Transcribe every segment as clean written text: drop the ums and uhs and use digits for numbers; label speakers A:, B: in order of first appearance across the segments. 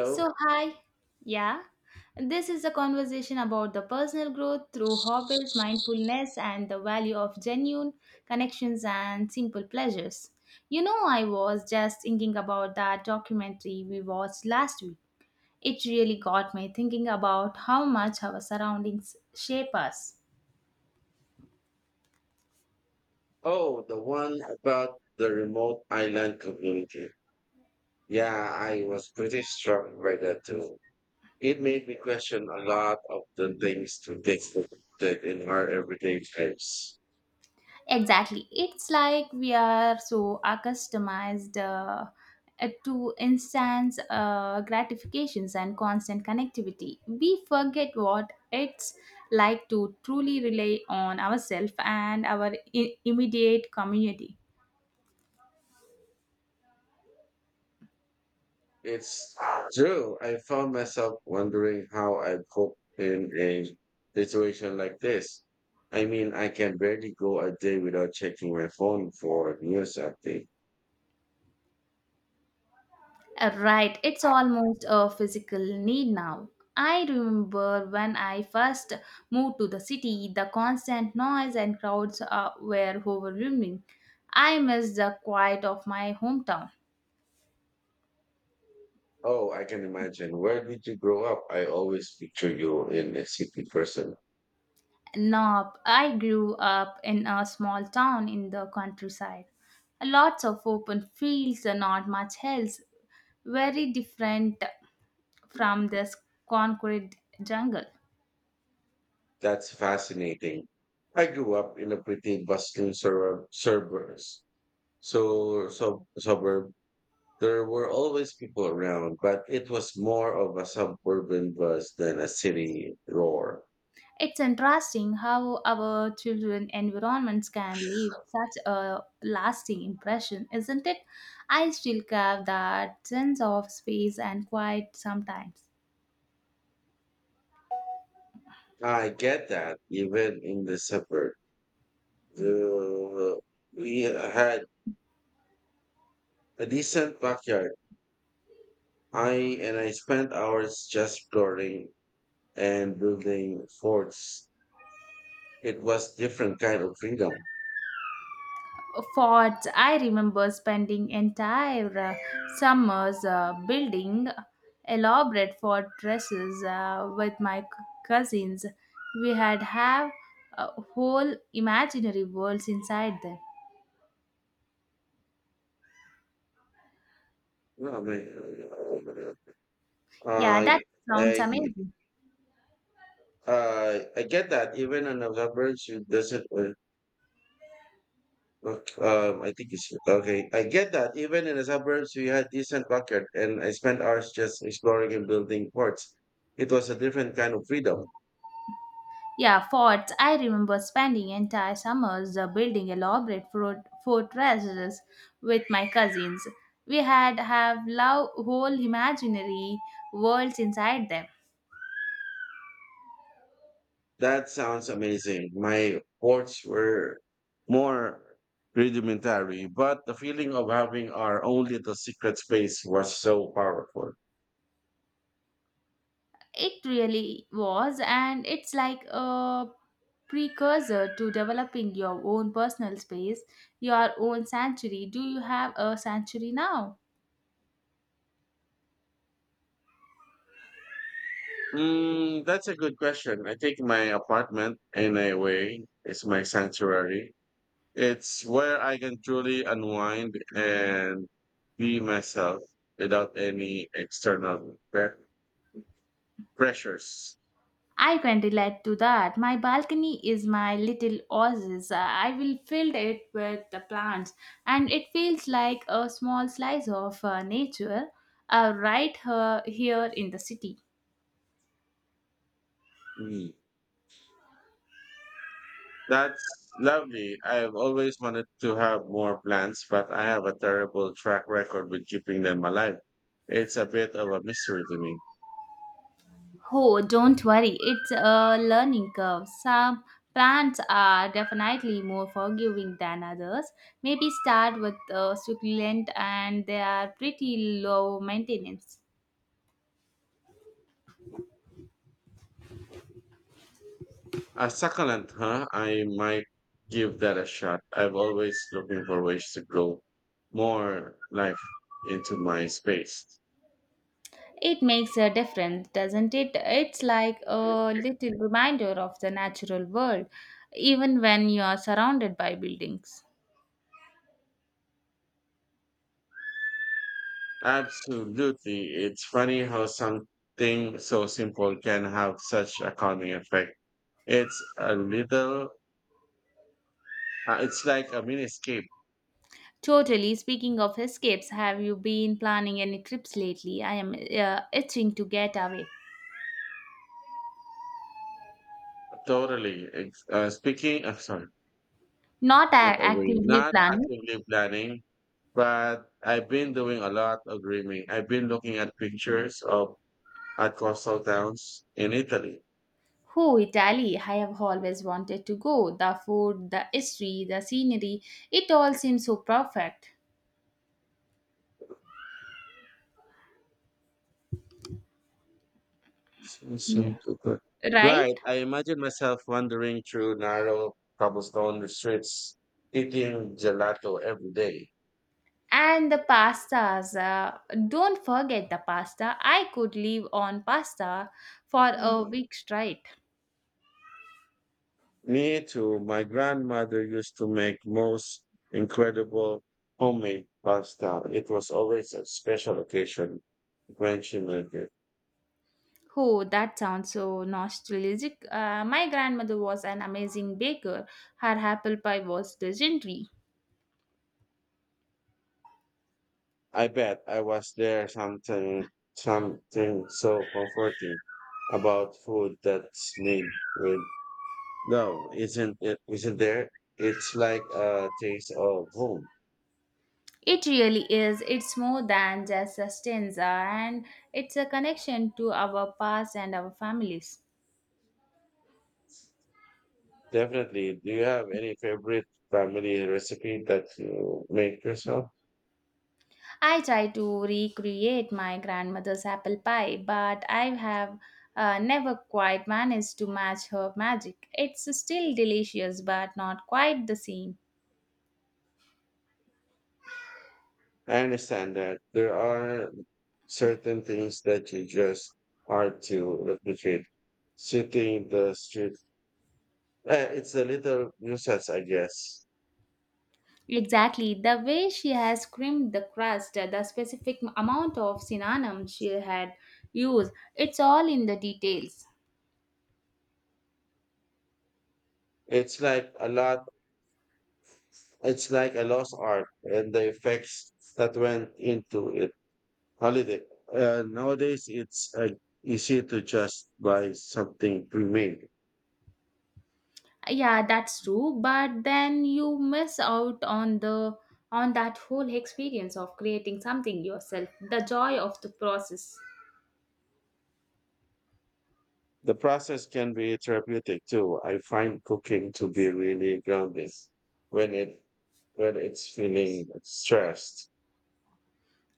A: So, hi. Yeah. This is a conversation about the personal growth through hobbies, mindfulness, and the value of genuine connections and simple pleasures. You know, I was just thinking about that documentary we watched last week. It really got me thinking about how much our surroundings shape us.
B: Oh, the one about the remote island community. Yeah, I was pretty struck by that too. It made me question a lot of the things to take for granted in our everyday lives.
A: Exactly. It's like we are so accustomed to instant gratifications and constant connectivity. We forget what it's like to truly rely on ourselves and our immediate community.
B: It's true. I found myself wondering how I cope in a situation like this. I mean, I can barely go a day without checking my phone for news updates.
A: Right, it's almost a physical need now. I remember when I first moved to the city, the constant noise and crowds were overwhelming. I missed the quiet of my hometown.
B: Oh, I can imagine. Where did you grow up? I always picture you in a city person.
A: Nope, I grew up in a small town in the countryside. Lots of open fields and not much else. Very different from this concrete jungle.
B: That's fascinating. I grew up in a pretty bustling suburb, suburbs. Suburb. There were always people around, but it was more of a suburban buzz than a city roar.
A: It's interesting how our children environments can leave such a lasting impression, isn't it? I still have that sense of space and quiet sometimes.
B: I get that. Even in the suburb, the, we had a decent backyard. I and I spent hours just exploring and building forts. It was different kind of freedom.
A: For I remember spending entire summers building elaborate fortresses with my cousins. We had have uh, whole imaginary worlds inside them.
B: No, I mean,
A: Yeah,
B: I,
A: that
B: I,
A: sounds
B: I,
A: amazing.
B: I get that even in the suburbs you doesn't. Look, I think it's okay. I get that even in the suburbs we had decent pocket, and I spent hours just exploring and building forts. It was a different kind of freedom.
A: Yeah, forts. I remember spending entire summers building elaborate fortresses with my cousins. We had have love whole imaginary worlds inside them.
B: That sounds amazing. My sports were more rudimentary, but the feeling of having our own little secret space was so powerful.
A: It really was, and it's like a precursor to developing your own personal space, your own sanctuary. Do you have a sanctuary now?
B: Mm, that's a good question. I think my apartment, in a way, is my sanctuary. It's where I can truly unwind and be myself without any external pressures.
A: I can relate to that. My balcony is my little oasis. I will fill it with the plants, and it feels like a small slice of nature right here in the city.
B: Mm. That's lovely. I've always wanted to have more plants, but I have a terrible track record with keeping them alive. It's a bit of a mystery to me.
A: Oh, don't worry, it's a learning curve. Some plants are definitely more forgiving than others. Maybe start with a succulent, and they are pretty low maintenance.
B: A succulent, huh? I might give that a shot. I've always looking for ways to grow more life into my space.
A: It makes a difference, doesn't it? It's like a little reminder of the natural world, even when you are surrounded by buildings.
B: Absolutely. It's funny how something so simple can have such a calming effect. It's a it's like a mini escape.
A: Totally. Speaking of escapes, have you been planning any trips lately? I am itching to get away.
B: Totally. Speaking, I'm sorry,
A: Not
B: get
A: a-
B: away.
A: actively
B: Not
A: planning.
B: actively planning, but I've been doing a lot of dreaming. I've been looking at pictures of at coastal towns in Italy.
A: Oh, Italy! I have always wanted to go. The food, the history, the scenery, it all seems so perfect.
B: So
A: Yeah.
B: too good.
A: Right?
B: Right. I imagine myself wandering through narrow cobblestone streets, eating gelato every day.
A: And the pastas. Don't forget the pasta. I could live on pasta for a week straight.
B: Me too. My grandmother used to make most incredible homemade pasta. It was always a special occasion when she made it.
A: Oh, that sounds so nostalgic. My grandmother was an amazing baker. Her apple pie was legendary.
B: I bet I was there something so comforting about food that's made with no, isn't there? It's like a taste of home.
A: It really is. It's more than just a stanza, and it's a connection to our past and our families.
B: Definitely. Do you have any favorite family recipe that you make yourself?
A: I try to recreate my grandmother's apple pie, but I have never quite managed to match her magic. It's still delicious, but not quite the same.
B: I understand that there are certain things that you just hard to replicate. Sitting the street, eh, it's a little useless, I guess.
A: Exactly, the way she has creamed the crust, the specific amount of cinnamon she had used, it's all in the details.
B: It's like a lot. It's like a lost art, and the effects that went into it. Holiday. Nowadays, it's easy to just buy something pre-made.
A: Yeah, that's true, but then you miss out on the on that whole experience of creating something yourself, the joy of the process.
B: The process can be therapeutic too. I find cooking to be really grounding when it when it's feeling stressed.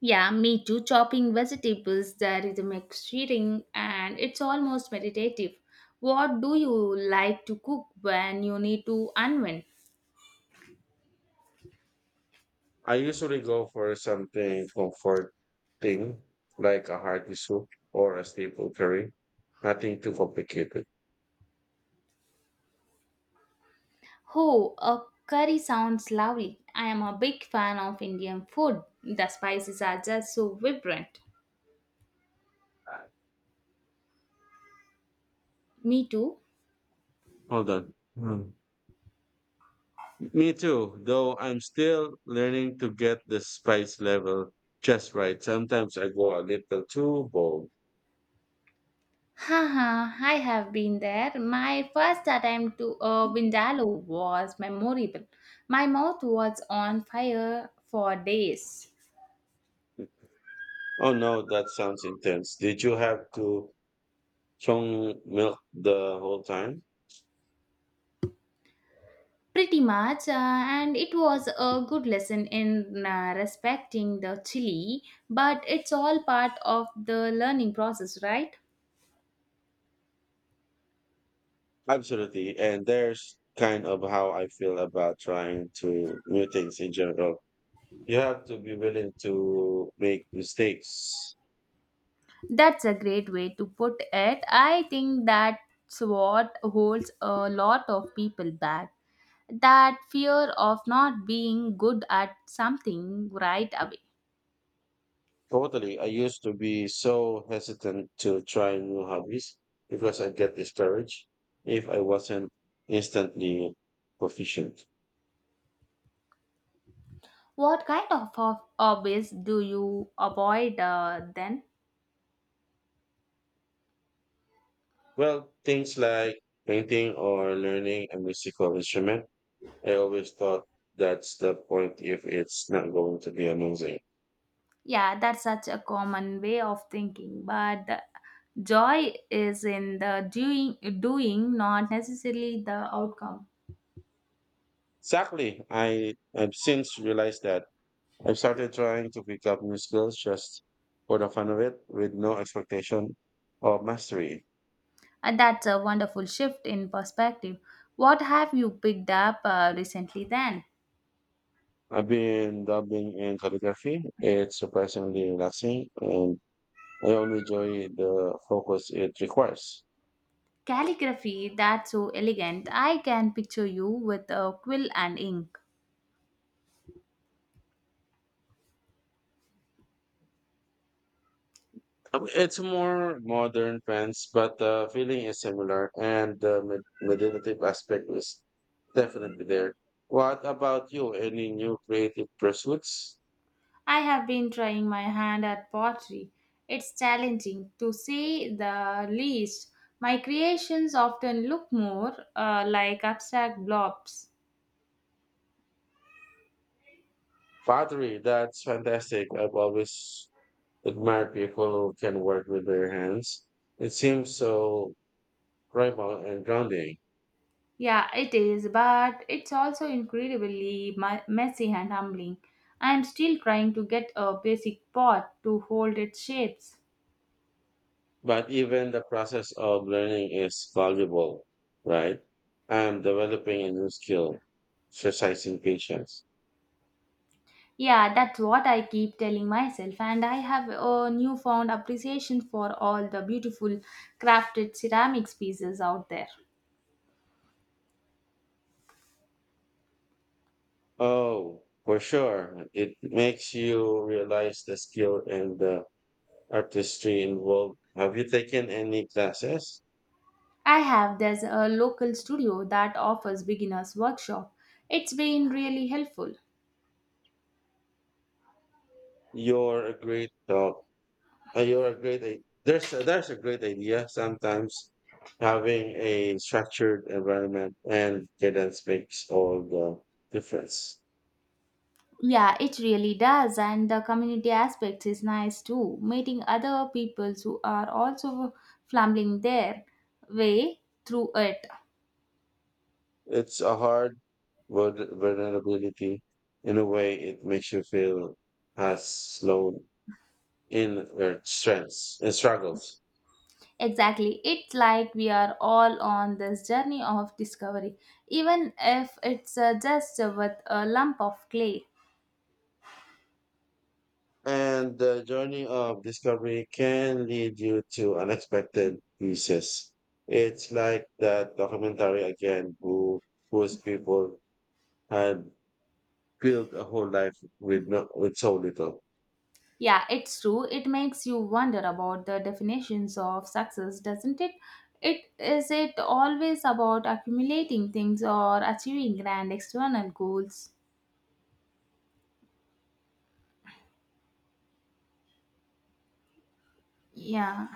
A: Yeah, me too. Chopping vegetables, there is a mix eating, and it's almost meditative. What do you like to cook when you need to unwind?
B: I usually go for something comforting like a hearty soup or a staple curry. Nothing too complicated.
A: Oh, a curry sounds lovely. I am a big fan of Indian food. The spices are just so vibrant. Me too.
B: Hold on. Hmm. Me too, though I'm still learning to get the spice level just right. Sometimes I go a little too bold.
A: Haha, I have been there. My first attempt to a vindaloo was memorable. My mouth was on fire for days.
B: Oh no, that sounds intense. Did you have to strong milk the whole time?
A: Pretty much, and it was a good lesson in respecting the chili, but it's all part of the learning process, right?
B: Absolutely. And there's kind of how I feel about trying to new things in general. You have to be willing to make mistakes.
A: That's a great way to put it. I think that's what holds a lot of people back. That fear of not being good at something right away.
B: Totally. I used to be so hesitant to try new hobbies because I get discouraged if I wasn't instantly proficient.
A: What kind of hobbies do you avoid then?
B: Well, things like painting or learning a musical instrument I always thought that's the point if it's not going to be amazing.
A: Yeah, that's such a common way of thinking, but the joy is in the doing, not necessarily the outcome.
B: Exactly. I've since realized that I've started trying to pick up new skills just for the fun of it with no expectation of mastery.
A: And that's a wonderful shift in perspective. What have you picked up recently then?
B: I've been dabbling in calligraphy. It's surprisingly relaxing and I only enjoy the focus it requires.
A: Calligraphy, that's so elegant. I can picture you with a quill and ink.
B: It's more modern trends, but the feeling is similar, and the meditative aspect is definitely there. What about you? Any new creative pursuits?
A: I have been trying my hand at pottery. It's challenging, to say the least. My creations often look more like abstract blobs.
B: Pottery, that's fantastic. I've always admired people who can work with their hands. It seems so primal and grounding,
A: Yeah, it is, but it's also incredibly messy and humbling. I'm still trying to get a basic pot to hold its shapes.
B: but even the process of learning is valuable, right? I'm developing a new skill, exercising patience.
A: Yeah, that's what I keep telling myself, and I have a newfound appreciation for all the beautiful crafted ceramics pieces out there.
B: Oh, for sure. It makes you realize the skill and the artistry involved. Have you taken any classes?
A: I have. There's a local studio that offers beginners workshop. It's been really helpful.
B: You're a great uh, You're a great. There's there's a great idea. Sometimes having a structured environment and cadence makes all the difference.
A: Yeah, it really does, and the community aspect is nice too. Meeting other people who are also fumbling their way through it.
B: It's a hard vulnerability. In a way, it makes you feel as slow in your strengths and struggles.
A: Exactly. It's like we are all on this journey of discovery, even if it's just with a lump of clay.
B: And the journey of discovery can lead you to unexpected pieces. It's like that documentary again, whose people had built a whole life with no, with so little.
A: Yeah, it's true. It makes you wonder about the definitions of success, doesn't it? It is it always about accumulating things or achieving grand external goals. Yeah.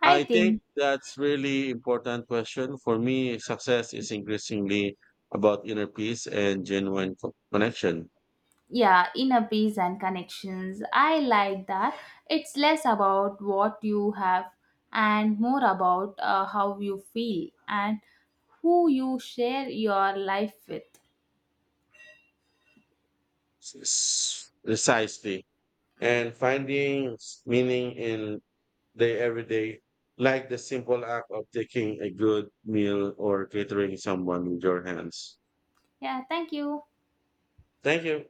A: I
B: I think
A: think
B: that's really important question for me. Success is increasingly about inner peace and genuine connection.
A: yeah, inner peace and connections. I like that. It's less about what you have and more about how you feel and who you share your life with.
B: S- Precisely, and finding meaning in they every day, like the simple act of taking a good meal or catering someone with your hands.
A: Yeah, thank you.
B: Thank you.